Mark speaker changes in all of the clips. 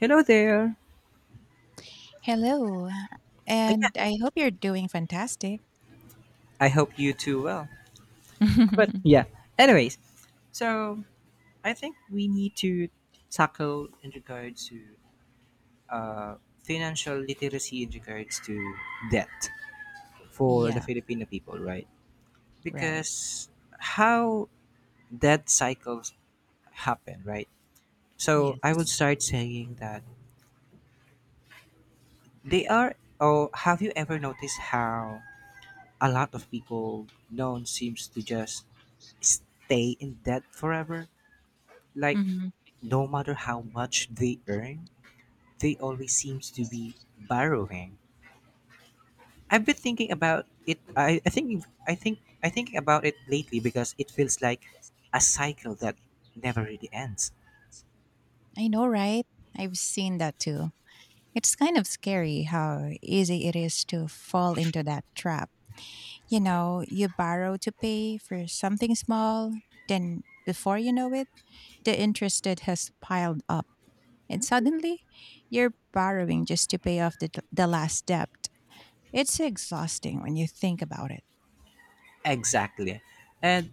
Speaker 1: Hello there.
Speaker 2: Hello,
Speaker 1: Yeah,
Speaker 2: and I hope you're doing fantastic.
Speaker 1: I hope you too well. But yeah, anyways, so I think we need to tackle in regards to financial literacy in regards to debt for the
Speaker 2: Yeah,
Speaker 1: Filipino people, right?
Speaker 2: right.
Speaker 1: Because how debt cycles happen, right? So I would
Speaker 2: Yes.
Speaker 1: start saying that they are. Oh, have you ever noticed how a lot of people known seems to just stay in debt forever? Like
Speaker 2: Hmm.
Speaker 1: no matter how much they earn, they always seems to be borrowing. I've been thinking about it. I thinking about it lately because it feels like a cycle that never really ends.
Speaker 2: I know, right? I've seen that too. It's kind of scary how easy it is to fall into that trap. You know, you borrow to pay for something small, then before you know it, the interest that has piled up. And suddenly, you're borrowing just to pay off the last debt. It's exhausting when you think about it.
Speaker 1: Exactly, and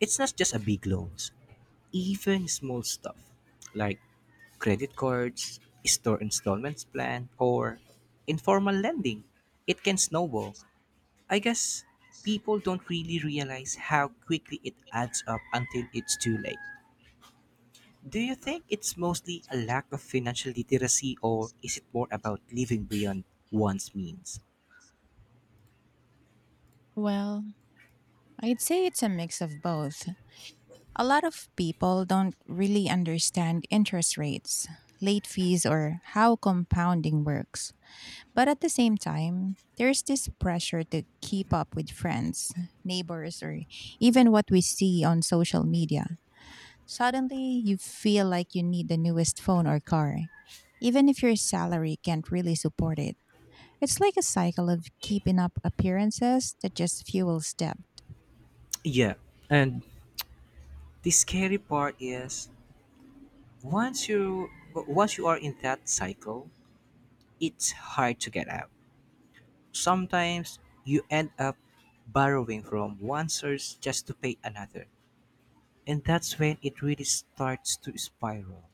Speaker 1: it's not just a big loans. Even small stuff like credit cards, store installments plan, or informal lending, it can snowball. I guess people don't really realize how quickly it adds up until it's too late. Do you think it's mostly a lack of financial literacy or is it more about living beyond one's means?
Speaker 2: Well, I'd say it's a mix of both. A lot of people don't really understand interest rates, late fees, or how compounding works. But at the same time, there's this pressure to keep up with friends, neighbors, or even what we see on social media. Suddenly, you feel like you need the newest phone or car, even if your salary can't really support it. It's like a cycle of keeping up appearances that just fuels debt.
Speaker 1: Yeah. And the scary part is once you once you are in that cycle, it's hard to get out. Sometimes you end up borrowing from one source just to pay another. And that's when it really starts to spiral.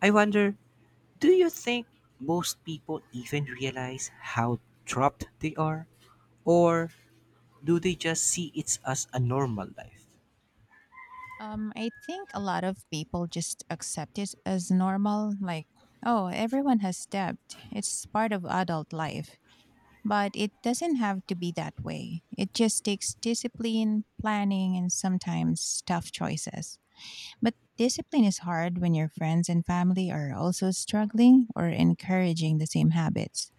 Speaker 1: I wonder, do you think most people even realize how trapped they are? Or do they just see it as a normal life?
Speaker 2: I think a lot of people just accept it as normal, like, oh, everyone has debt. It's part of adult life. But it doesn't have to be that way. It just takes discipline, planning, and sometimes tough choices. But discipline is hard when your friends and family are also struggling or encouraging the same habits.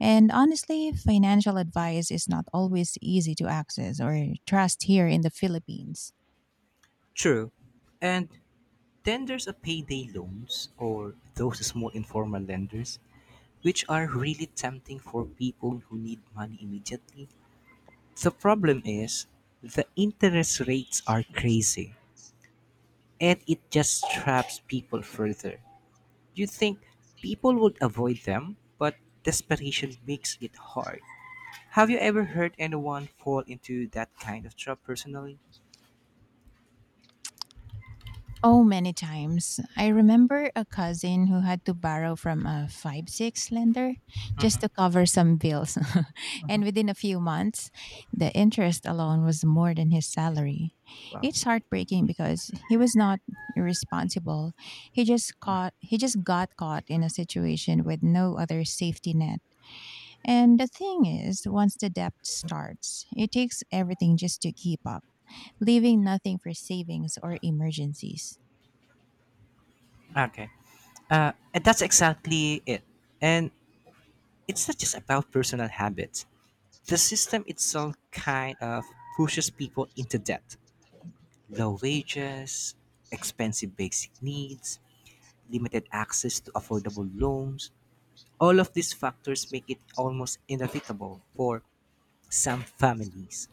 Speaker 2: And honestly, financial advice is not always easy to access or trust here in the Philippines.
Speaker 1: True. And then there's a payday loans or those small informal lenders, which are really tempting for people who need money immediately. The problem is the interest rates are crazy and it just traps people further. You think people would avoid them, but desperation makes it hard. Have you ever heard anyone fall into that kind of trap personally?
Speaker 2: Oh, many times. I remember a cousin who had to borrow from a 5-6 lender just
Speaker 1: Mhm.
Speaker 2: to cover some bills. And within a few months, the interest alone was more than his salary.
Speaker 1: Wow.
Speaker 2: It's heartbreaking because he was not irresponsible. He just got caught in a situation with no other safety net. And the thing is, once the debt starts, it takes everything just to keep up, leaving nothing for savings or emergencies.
Speaker 1: Okay. And that's exactly it. And it's not just about personal habits. The system itself kind of pushes people into debt. Low wages, expensive basic needs, limited access to affordable loans. All of these factors make it almost inevitable for some families.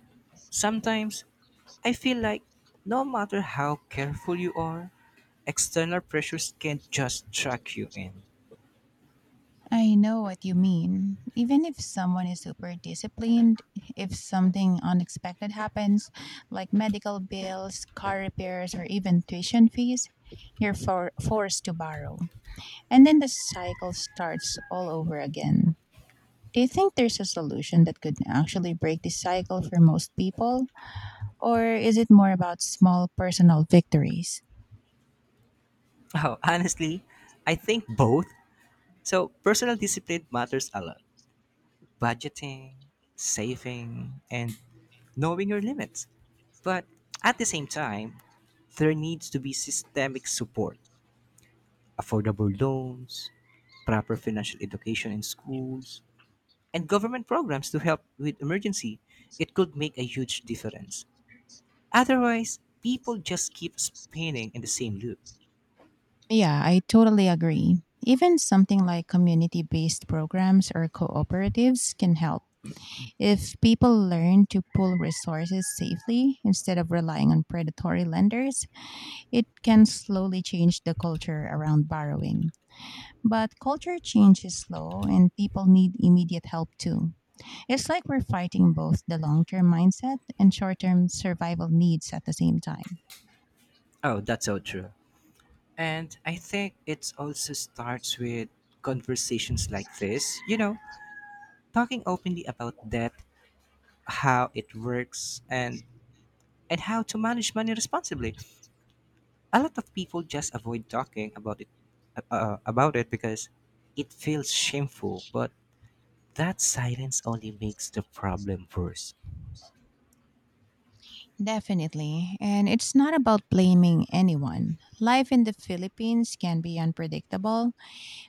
Speaker 1: Sometimes I feel like no matter how careful you are, external pressures can't just suck you in.
Speaker 2: I know what you mean. Even if someone is super disciplined, if something unexpected happens, like medical bills, car repairs, or even tuition fees, you're forced to borrow. And then the cycle starts all over again. Do you think there's a solution that could actually break this cycle for most people? Or is it more about small personal victories?
Speaker 1: Oh, honestly, I think both. So, personal discipline matters a lot. Budgeting, saving, and knowing your limits. But at the same time, there needs to be systemic support, affordable loans, proper financial education in schools, and government programs to help with emergency. It could make a huge difference. Otherwise, people just keep spinning in the same loop.
Speaker 2: Yeah, I totally agree. Even something like community based programs or cooperatives can help. If people learn to pool resources safely instead of relying on predatory lenders, it can slowly change the culture around borrowing. But culture change is slow and people need immediate help too. It's like we're fighting both the long term mindset and short term survival needs at the same time.
Speaker 1: Oh, that's so true. And I think it also starts with conversations like this, you know, talking openly about debt, how it works, and how to manage money responsibly. A lot of people just avoid talking about it because it feels shameful, but that silence only makes the problem worse.
Speaker 2: Definitely. And it's not about blaming anyone. Life in the Philippines can be unpredictable,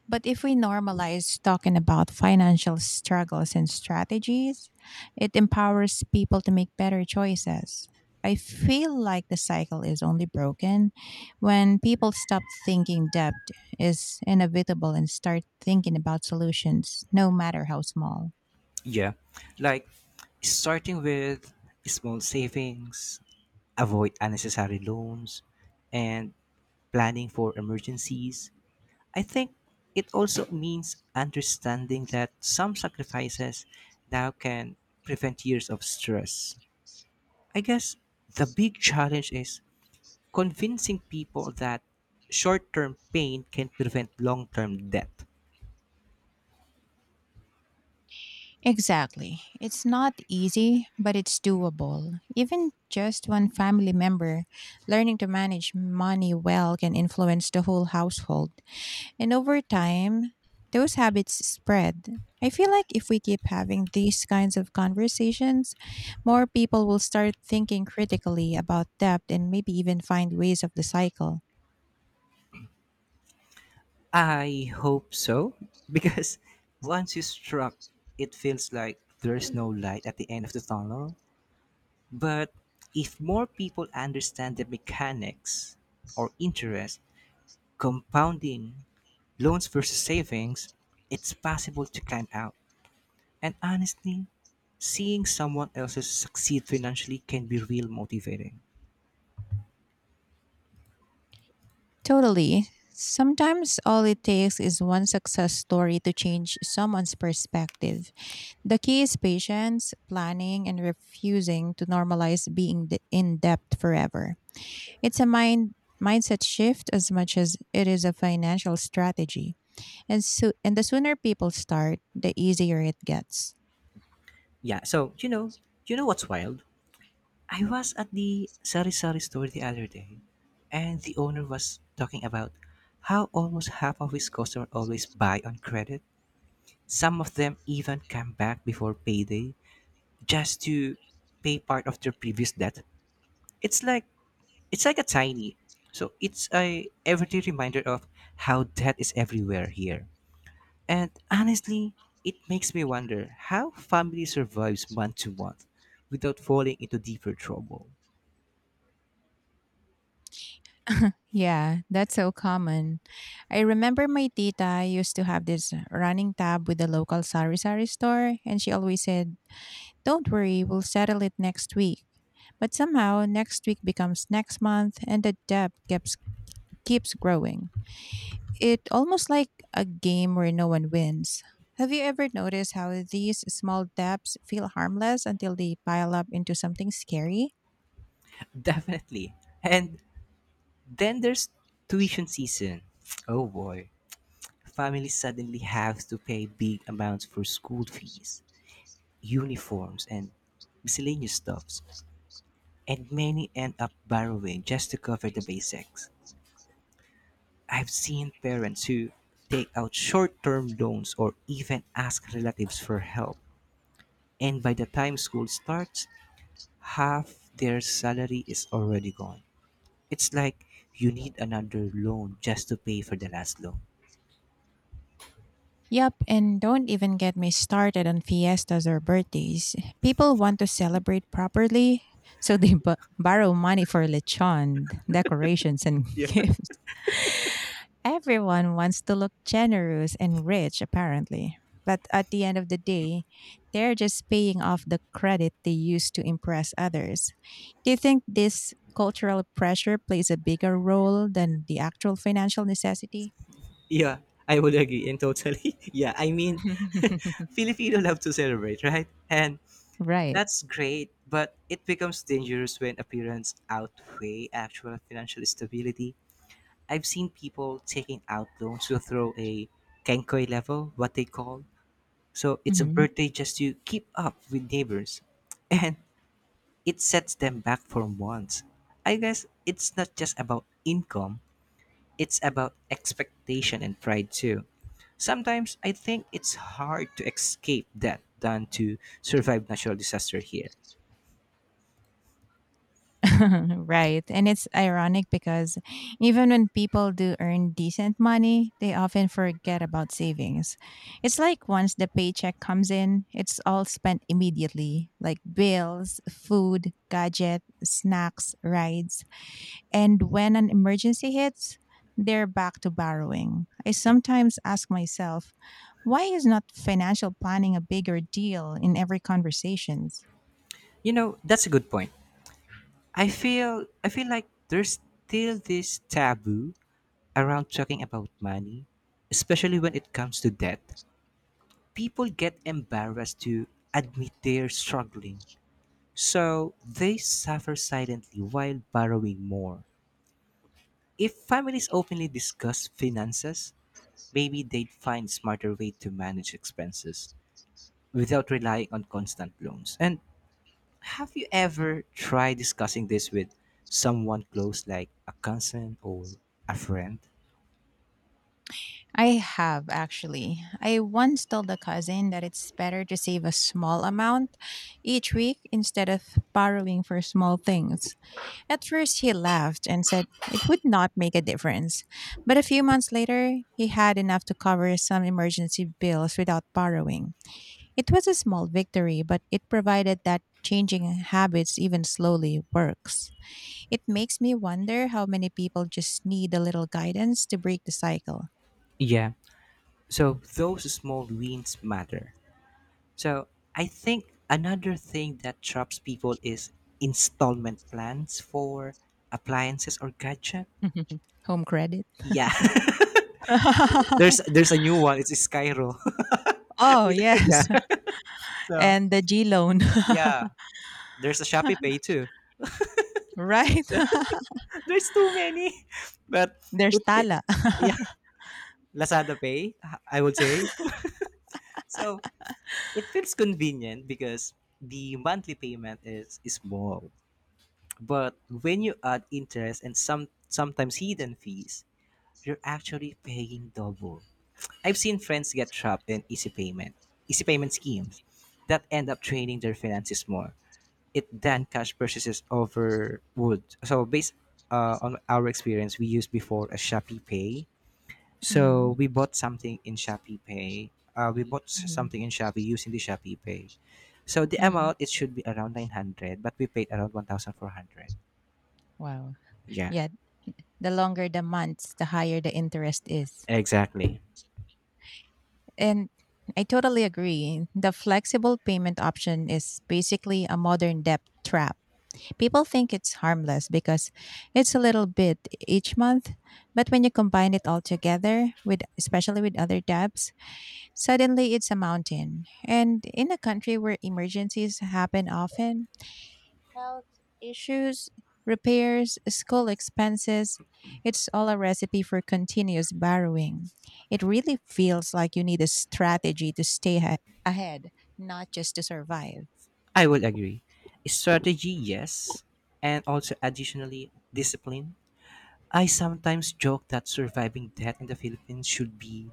Speaker 2: but if we normalize talking about financial struggles and strategies, it empowers people to make better choices. I feel like the cycle is only broken when people stop thinking debt is inevitable and start thinking about solutions, no matter how small.
Speaker 1: Yeah. Like starting with small savings, avoid unnecessary loans, and planning for emergencies. I think it also means understanding that some sacrifices now can prevent years of stress. I guess the big challenge is convincing people that short term pain can prevent long term death.
Speaker 2: Exactly. It's not easy, but it's doable. Even just one family member learning to manage money well can influence the whole household. And over time, those habits spread. I feel like if we keep having these kinds of conversations, more people will start thinking critically about debt and maybe even find ways of the cycle.
Speaker 1: I hope so, because once you struck, it feels like there's no light at the end of the tunnel. But if more people understand the mechanics or interest, compounding loans versus savings, it's possible to climb out. And honestly, seeing someone else succeed financially can be real motivating.
Speaker 2: Totally. Sometimes all it takes is one success story to change someone's perspective. The key is patience, planning, and refusing to normalize being in debt forever. It's a mindset shift as much as it is a financial strategy. And so, and the sooner people start, the easier it gets.
Speaker 1: Yeah, so you know, what's wild? I was at the Sari Sari store the other day, and the owner was talking about how almost half of his customers always buy on credit. Some of them even come back before payday just to pay part of their previous debt. It's like It's like a tiny. So it's a everyday reminder of how death is everywhere here. And honestly, it makes me wonder how family survives month to month without falling into deeper trouble.
Speaker 2: Yeah, that's so common. I remember my tita used to have this running tab with the local sari-sari store, and she always said, don't worry, we'll settle it next week. But somehow, next week becomes next month, and the debt keeps growing. It almost like a game where no one wins. Have you ever noticed how these small debts feel harmless until they pile up into something scary?
Speaker 1: Definitely. And then there's tuition season. Oh boy. Families suddenly have to pay big amounts for school fees, uniforms, and miscellaneous stuffs. And many end up borrowing just to cover the basics. I've seen parents who take out short term loans or even ask relatives for help. And by the time school starts, half their salary is already gone. It's like you need another loan just to pay for the last loan.
Speaker 2: Yep, and don't even get me started on fiestas or birthdays. People want to celebrate properly, so they borrow money for lechon, decorations, and
Speaker 1: Yeah,
Speaker 2: gifts. Everyone wants to look generous and rich, apparently. But at the end of the day, they're just paying off the credit they used to impress others. Do you think this cultural pressure plays a bigger role than the actual financial necessity?
Speaker 1: yeah, I would agree and totally. Yeah, I mean, Filipino love to celebrate, right? And
Speaker 2: Right.
Speaker 1: that's great, but it becomes dangerous when appearance outweigh actual financial stability. I've seen people taking out loans to throw a kenkoi level, what they call. So it's a birthday just to keep up with neighbors. And it sets them back for months. I guess it's not just about income, it's about expectation and pride too. Sometimes I think it's hard to escape that than to survive natural disaster here.
Speaker 2: Right. And it's ironic because even when people do earn decent money, they often forget about savings. It's like once the paycheck comes in, it's all spent immediately, like bills, food, gadget, snacks, rides. And when an emergency hits, they're back to borrowing. I
Speaker 1: Yeah.
Speaker 2: sometimes ask myself, why is not financial planning a bigger deal in every conversations?
Speaker 1: You know, that's a good point. I feel like there's still this taboo around talking about money, especially when it comes to debt, people get embarrassed to admit they're struggling. So they suffer silently while borrowing more. If families openly discuss finances, maybe they'd find smarter way to manage expenses without relying on constant loans. And have you ever tried discussing this with someone close like a cousin or a friend?
Speaker 2: I have actually. I once told a cousin that it's better to save a small amount each week instead of borrowing for small things. At first, he laughed and said it would not make a difference. But a few months later, he had enough to cover some emergency bills without borrowing. It was a small victory, but it provided that changing habits, even slowly, works. It makes me wonder how many people just need a little guidance to break the cycle.
Speaker 1: Yeah, so those small wins matter. So I think another thing that traps people is installment plans for appliances or gadget.
Speaker 2: Home credit.
Speaker 1: Yeah, there's there's a new one. It's Skyro.
Speaker 2: Oh,
Speaker 1: Yeah.
Speaker 2: yes.
Speaker 1: So
Speaker 2: And the G loan.
Speaker 1: yeah, there's a Shopee Pay too.
Speaker 2: Right?
Speaker 1: So there's too many, but
Speaker 2: There's
Speaker 1: it fe-
Speaker 2: Tala.
Speaker 1: yeah, Lazada Pay. I would say so. It feels convenient because the monthly payment is small, but when you add interest and sometimes hidden fees, you're actually paying double. I've seen friends get trapped in easy payment schemes that end up draining their finances more. It than cash purchases over would. So based on our experience, we used before a Shopee Pay.
Speaker 2: Mm-hmm.
Speaker 1: So we bought something in Shopee Pay. We bought
Speaker 2: Mm-hmm.
Speaker 1: something in Shopee using the Shopee Pay. So the
Speaker 2: Mm-hmm.
Speaker 1: amount it should be around 900, but we paid around 1,400.
Speaker 2: Wow.
Speaker 1: Yeah,
Speaker 2: Yeah. The longer the months, the higher the interest is.
Speaker 1: exactly.
Speaker 2: And I totally agree. The flexible payment option is basically a modern debt trap. People think it's harmless because it's a little bit each month, but when you combine it all together with especially with other debts, suddenly, it's a mountain. And in a country where emergencies happen often, health issues, repairs, school expenses, it's all a recipe for continuous borrowing. It really feels like you need a strategy to stay ahead, not just to survive.
Speaker 1: I will agree. Strategy, yes, and also additionally discipline. I sometimes joke that surviving debt in the Philippines should be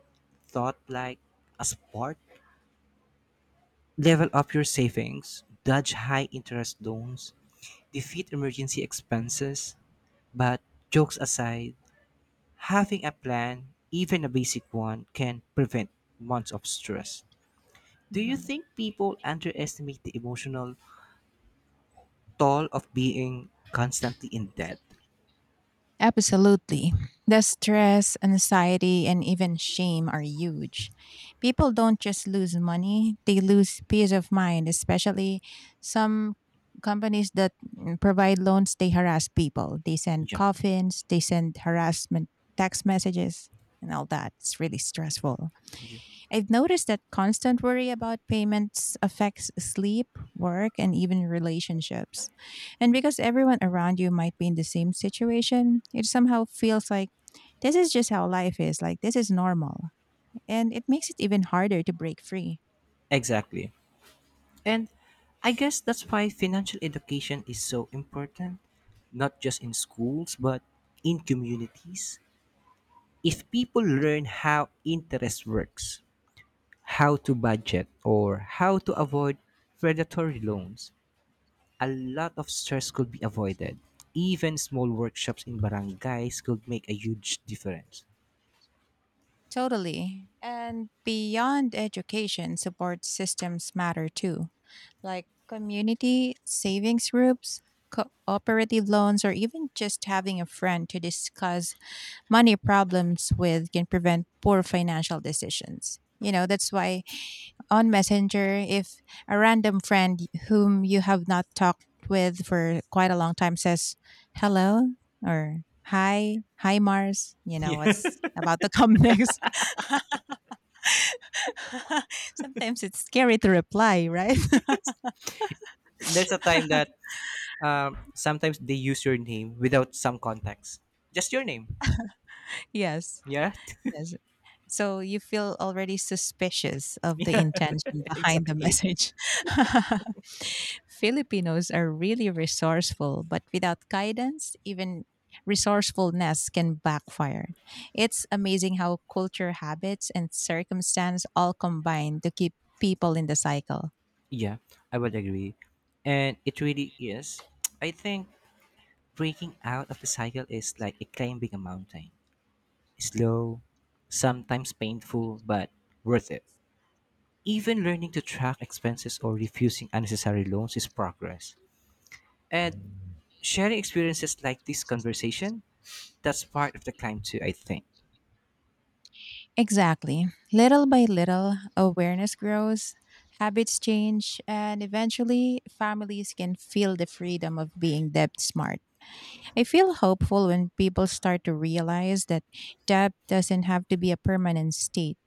Speaker 1: thought like a sport. Level up your savings, dodge high interest loans, defeat emergency expenses. But jokes aside, having a plan, even a basic one, can prevent months of stress. Do you
Speaker 2: Mhm.
Speaker 1: think people underestimate the emotional toll of being constantly in debt?
Speaker 2: Absolutely. The stress, anxiety, and even shame are huge. People don't just lose money, they lose peace of mind, especially some companies that provide loans, they harass people. They send
Speaker 1: Yeah.
Speaker 2: coffins, they send harassment text messages, and all that. It's really stressful.
Speaker 1: Yeah.
Speaker 2: I've noticed that constant worry about payments affects sleep, work, and even relationships. And because everyone around you might be in the same situation, it somehow feels like this is just how life is, like this is normal. And it makes it even harder to break free.
Speaker 1: Exactly. And I guess that's why financial education is so important, not just in schools, but in communities. If people learn how interest works, how to budget, or how to avoid predatory loans, a lot of stress could be avoided. Even small workshops in barangays could make a huge difference.
Speaker 2: Totally. And beyond education, support systems matter too, like community savings groups, cooperative loans, or even just having a friend to discuss money problems with can prevent poor financial decisions. You know, that's why on Messenger, if a random friend whom you have not talked with for quite a long time says hello or hi, hi Mars, you know
Speaker 1: Yeah,
Speaker 2: what's about to come next. Sometimes it's scary to reply, right?
Speaker 1: there's a time that sometimes they use your name without some context, just your name.
Speaker 2: Yes.
Speaker 1: Yeah.
Speaker 2: Yes. So you feel already suspicious of the
Speaker 1: Yeah.
Speaker 2: intention behind the
Speaker 1: Exactly.
Speaker 2: message. Filipinos are really resourceful, but without guidance, even resourcefulness can backfire. It's amazing how culture, habits, and circumstance all combine to keep people in the cycle.
Speaker 1: Yeah, I would agree. And it really is. I think breaking out of the cycle is like a climbing a mountain. Slow, sometimes painful, but worth it. Even learning to track expenses or refusing unnecessary loans is progress. And sharing experiences like this conversation, that's part of the climb too, I think.
Speaker 2: Exactly. Little by little, awareness grows, habits change, and eventually families can feel the freedom of being debt smart. I feel hopeful when people start to realize that debt doesn't have to be a permanent state.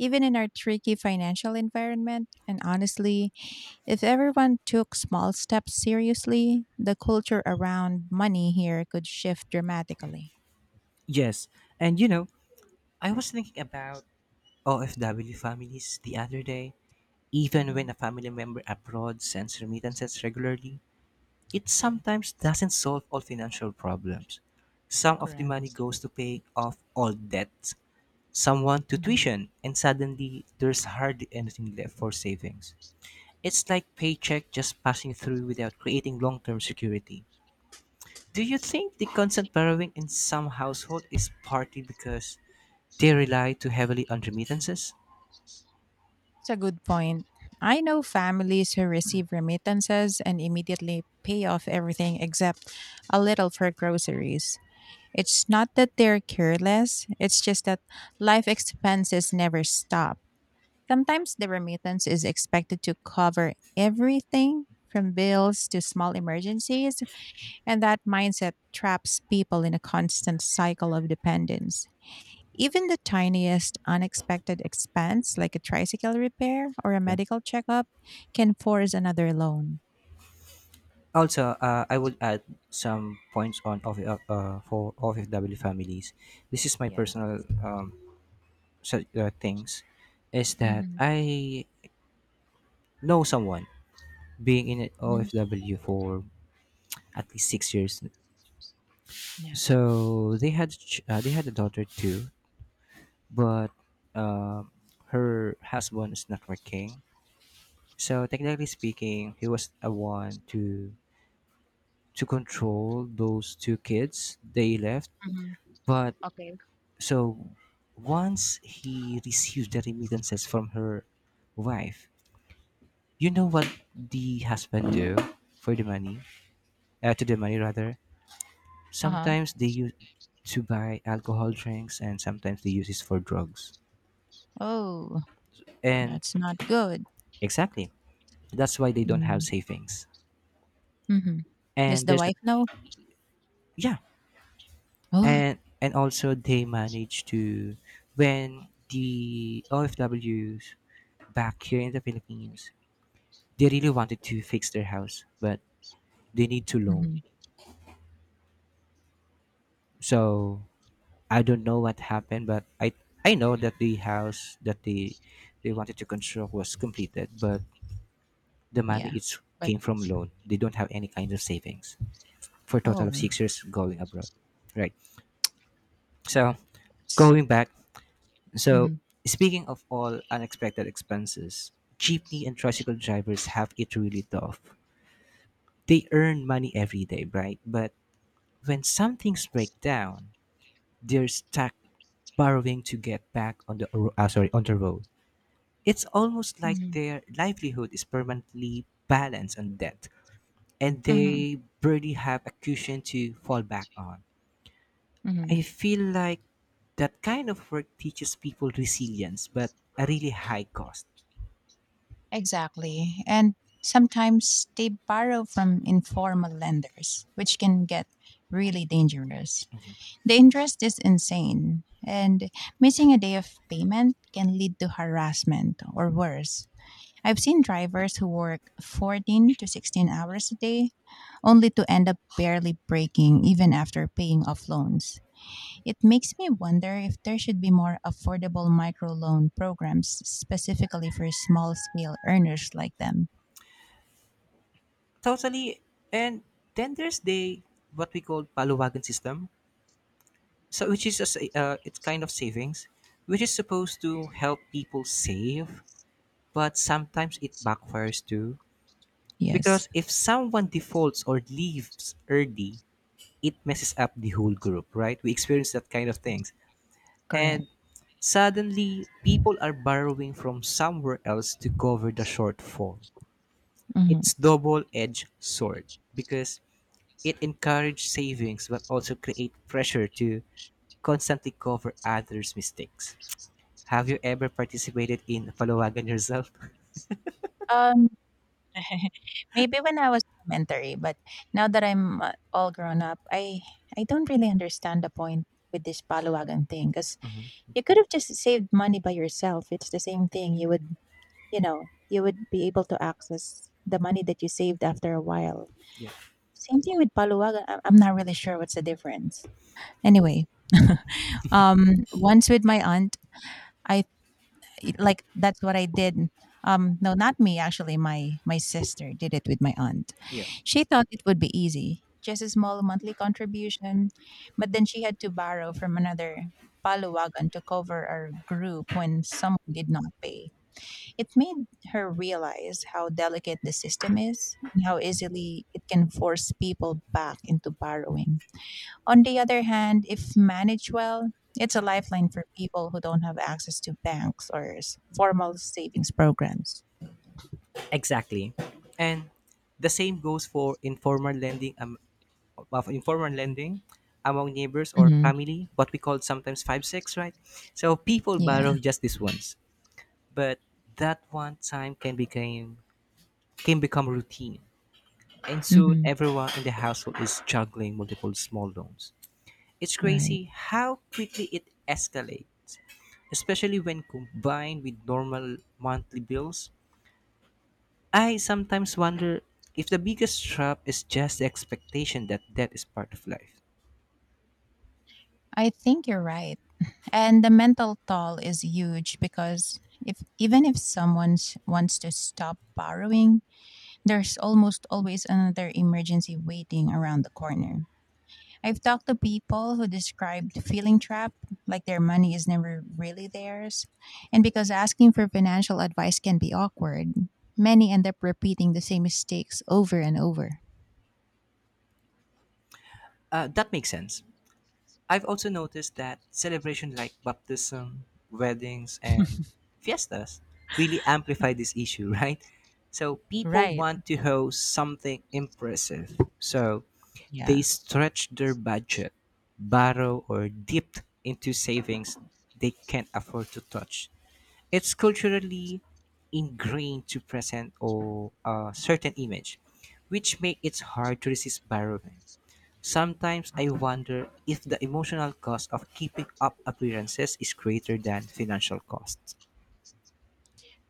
Speaker 2: Even in our tricky financial environment, and honestly, if everyone took small steps seriously, the culture around money here could shift dramatically.
Speaker 1: Yes. And you know, I was thinking about OFW families the other day. Even
Speaker 2: Hmm.
Speaker 1: when a family member abroad sends remittances regularly, it
Speaker 2: Yes,
Speaker 1: sometimes doesn't solve all financial problems. Some of the money
Speaker 2: correct.
Speaker 1: goes to pay off old debts, someone to
Speaker 2: Mhm.
Speaker 1: tuition, and suddenly there's hardly anything left for savings. It's like paycheck just passing through without creating long-term security. Do you think the constant borrowing in some household is partly because they rely too heavily on remittances?
Speaker 2: It's a good point. I know families who receive remittances and immediately pay off everything except a little for groceries. It's not that they're careless, it's just that life expenses never stop. Sometimes the remittance is expected to cover everything from bills to small emergencies, and that mindset traps people in a constant cycle of dependence. Even the tiniest unexpected expense, like a tricycle repair or a
Speaker 1: Yeah.
Speaker 2: medical checkup, can force another loan.
Speaker 1: Also, I would add some points on for OFW families. This is my
Speaker 2: Yeah.
Speaker 1: personal things, is that
Speaker 2: Mm-hmm.
Speaker 1: I know someone being in an
Speaker 2: Hmm.
Speaker 1: OFW for at least 6 years.
Speaker 2: Yeah.
Speaker 1: So they had a daughter too, but um her husband is not working. So technically speaking, he was a one to control those two kids. They left,
Speaker 2: Hmm.
Speaker 1: but
Speaker 2: Okay.
Speaker 1: so once he received the remittances from her wife, you know what the husband do for the money? To the money rather.
Speaker 2: Uh huh.
Speaker 1: Sometimes they use to buy alcohol drinks, and sometimes they use it for drugs.
Speaker 2: Oh,
Speaker 1: And
Speaker 2: that's not good.
Speaker 1: exactly, that's why they don't
Speaker 2: Mm-hmm.
Speaker 1: have savings.
Speaker 2: Mm-hmm. Does
Speaker 1: And
Speaker 2: the
Speaker 1: there's a,
Speaker 2: wife know?
Speaker 1: yeah,
Speaker 2: Oh,
Speaker 1: and also they manage to when the OFWs back here in the Philippines, they really wanted to fix their house, but they need to loan.
Speaker 2: hmm,
Speaker 1: So I don't know what happened, but I know that the house that they wanted to construct was completed, but the money
Speaker 2: yeah.
Speaker 1: it's
Speaker 2: But,
Speaker 1: came from loan. They don't have any kind of savings for a total of
Speaker 2: oh,
Speaker 1: 6 years going abroad. Right. So
Speaker 2: that's.
Speaker 1: going back, so
Speaker 2: Hmm.
Speaker 1: speaking of all unexpected expenses, jeepney and tricycle drivers have it really tough. They earn money every day, right? But when some things break down, they're stuck borrowing to get back on the sorry, on the road. It's almost like their livelihood is permanently balanced on debt, and they barely have a cushion to fall back on.
Speaker 2: Hmm.
Speaker 1: I feel like that kind of work teaches people resilience, but a really high cost.
Speaker 2: Exactly. And sometimes they borrow from informal lenders, which can get really dangerous.
Speaker 1: Yeah.
Speaker 2: The interest is insane, and missing a day of payment can lead to harassment or worse. I've seen drivers who work 14 to 16 hours a day only to end up barely breaking even after paying off loans. It makes me wonder if there should be more affordable microloan programs specifically for small scale earners like them.
Speaker 1: Totally. And then there's the what we call paluwagan system, so which is it's kind of savings, which is supposed to help people save, but sometimes it backfires too.
Speaker 2: Yes,
Speaker 1: Because if someone defaults or leaves early, it messes up the whole group, right? We experience that kind of things.
Speaker 2: correct.
Speaker 1: And suddenly, people are borrowing from somewhere else to cover the shortfall. It's
Speaker 2: Mhm.
Speaker 1: double-edged sword because it encourages savings but also create pressure to constantly cover others' mistakes. Have you ever participated in palawagan yourself?
Speaker 2: Um, Maybe when I was elementary, but now that I'm all grown up, I don't really understand the point with this palawagan thing because you could have just saved money by yourself. It's the same thing. You would, you would be able to access the money that you saved after a while.
Speaker 1: Yeah.
Speaker 2: Same thing with palawagan. I'm not really sure what's the difference. Anyway, once with my aunt, I like that's what I did. No, not me actually. My sister did it with my aunt.
Speaker 1: Yeah.
Speaker 2: She thought it would be easy, just a small monthly contribution, but then she had to borrow from another paluwagan to cover our group when someone did not pay. It made her realize how delicate the system is and how easily it can force people back into borrowing. On the other hand, if managed well, it's a lifeline for people who don't have access to banks or formal savings programs.
Speaker 1: Exactly. And the same goes for informal lending of informal lending among neighbors or
Speaker 2: Hmm.
Speaker 1: family, what we call sometimes 5-6, right? So people
Speaker 2: Yeah.
Speaker 1: borrow just this once, but that one time can become routine, and soon
Speaker 2: Hmm.
Speaker 1: everyone in the household is juggling multiple small loans. It's
Speaker 2: Right.
Speaker 1: crazy how quickly it escalates, especially when combined with normal monthly bills. I sometimes wonder if the biggest trap is just the expectation that debt is part of life.
Speaker 2: I think you're right. And the mental toll is huge because if even if someone wants to stop borrowing, there's almost always another emergency waiting around the corner. I've talked to people who described feeling trapped, like their money is never really theirs. And because asking for financial advice can be awkward, many end up repeating the same mistakes over and over.
Speaker 1: That makes sense. I've also noticed that celebrations like baptism, weddings, and fiestas really amplify this issue, right? So people
Speaker 2: Right.
Speaker 1: want to host something impressive. So they
Speaker 2: Yeah.
Speaker 1: stretch their budget, borrow, or dip into savings they can't afford to touch. It's culturally ingrained to present or a certain image, which make it hard to resist borrowing. Sometimes I wonder if the emotional cost of keeping up appearances is greater than financial costs.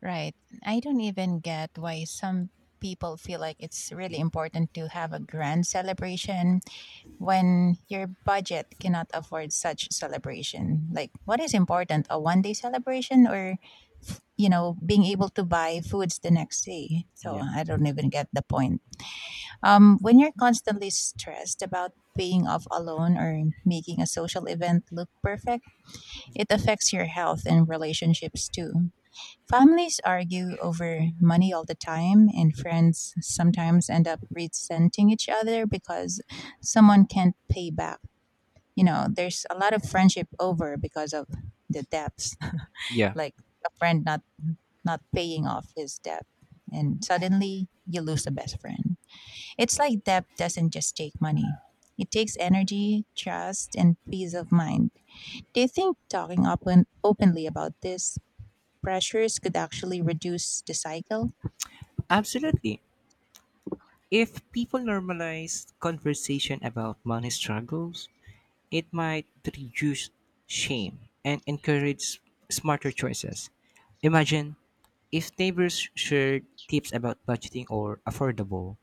Speaker 2: Right. I don't even get why some people feel like it's really important to have a grand celebration when your budget cannot afford such celebration. Like, what is important, a one day celebration or being able to buy foods the next day? So
Speaker 1: Yeah.
Speaker 2: I don't even get the point. When you're constantly stressed about paying off a loan or making a social event look perfect, it affects your health and relationships too. Families argue over money all the time, and friends sometimes end up resenting each other because someone can't pay back. You know, there's a lot of friendship over because of the debts,
Speaker 1: Yeah,
Speaker 2: like a friend not paying off his debt, and suddenly you lose a best friend. It's like debt doesn't just take money, it takes energy, trust, and peace of mind. Do you think talking openly about these pressures could actually reduce the cycle?
Speaker 1: absolutely. If people normalize conversation about money struggles, it might reduce shame and encourage smarter choices. Imagine if neighbors shared tips about budgeting or affordable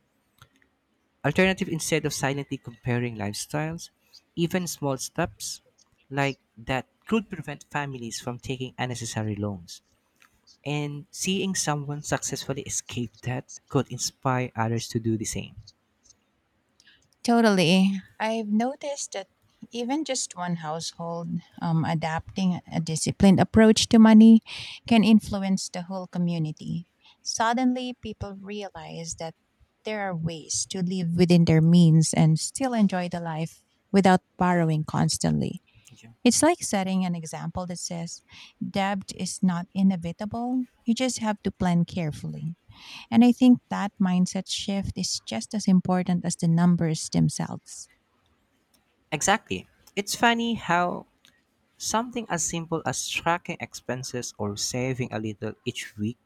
Speaker 1: alternative instead of silently comparing lifestyles, even small steps like that could prevent families from taking unnecessary loans. And seeing someone successfully escape that could inspire others to do the same.
Speaker 2: Totally. I've noticed that even just one household adapting a disciplined approach to money can influence the whole community. Suddenly, people realize that there are ways to live within their means and still enjoy the life without borrowing constantly.
Speaker 1: Yeah.
Speaker 2: It's like setting an example that says debt is not inevitable, you just have to plan carefully. And I think that mindset shift is just as important as the numbers themselves.
Speaker 1: Exactly. It's funny how something as simple as tracking expenses or saving a little each week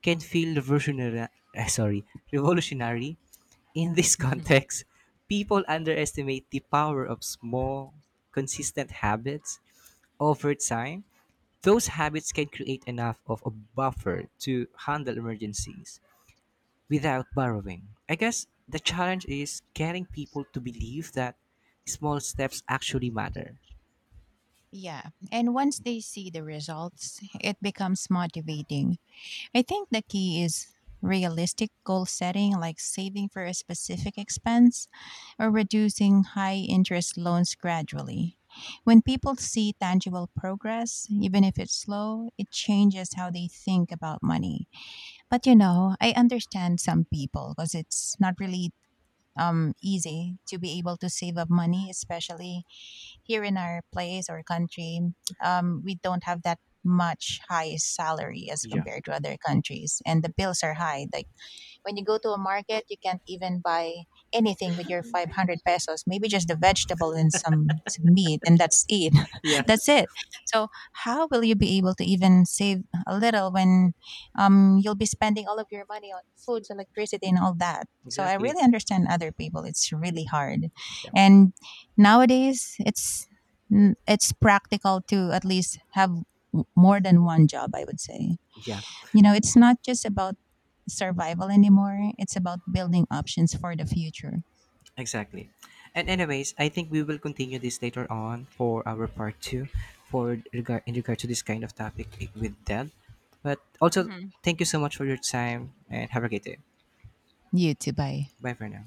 Speaker 1: can feel revolutionary, sorry, revolutionary. In this context, people underestimate the power of small, consistent habits over time. Those habits can create enough of a buffer to handle emergencies without borrowing. I guess the challenge is getting people to believe that small steps actually matter.
Speaker 2: Yeah. And once they see the results, it becomes motivating. I think the key is realistic goal setting, like saving for a specific expense or reducing high interest loans gradually. When people see tangible progress, even if it's slow, it changes how they think about money. But you know, I understand some people because it's not really easy to be able to save up money, especially here in our place or country. We don't have that much high salary as
Speaker 1: Yeah.
Speaker 2: compared to other countries, and the bills are high. The When you go to a market, you can't even buy anything with your 500 pesos, maybe just the vegetable and some meat, and that's it.
Speaker 1: Yeah.
Speaker 2: That's it. So, how will you be able to even save a little when you'll be spending all of your money on foods, electricity, and all that? So, I
Speaker 1: Exactly.
Speaker 2: really understand other people. It's really hard.
Speaker 1: Yeah.
Speaker 2: And nowadays, it's it's practical to at least have more than one job, I would say.
Speaker 1: Yeah.
Speaker 2: You know, it's not just about survival anymore, it's about building options for the future.
Speaker 1: Exactly. And anyways, I think we will continue this later on for our part 2 for regard in regard to this kind of topic with Dad. But also
Speaker 2: Hmm.
Speaker 1: thank you so much for your time and have a great day.
Speaker 2: You too, bye.
Speaker 1: Bye for now.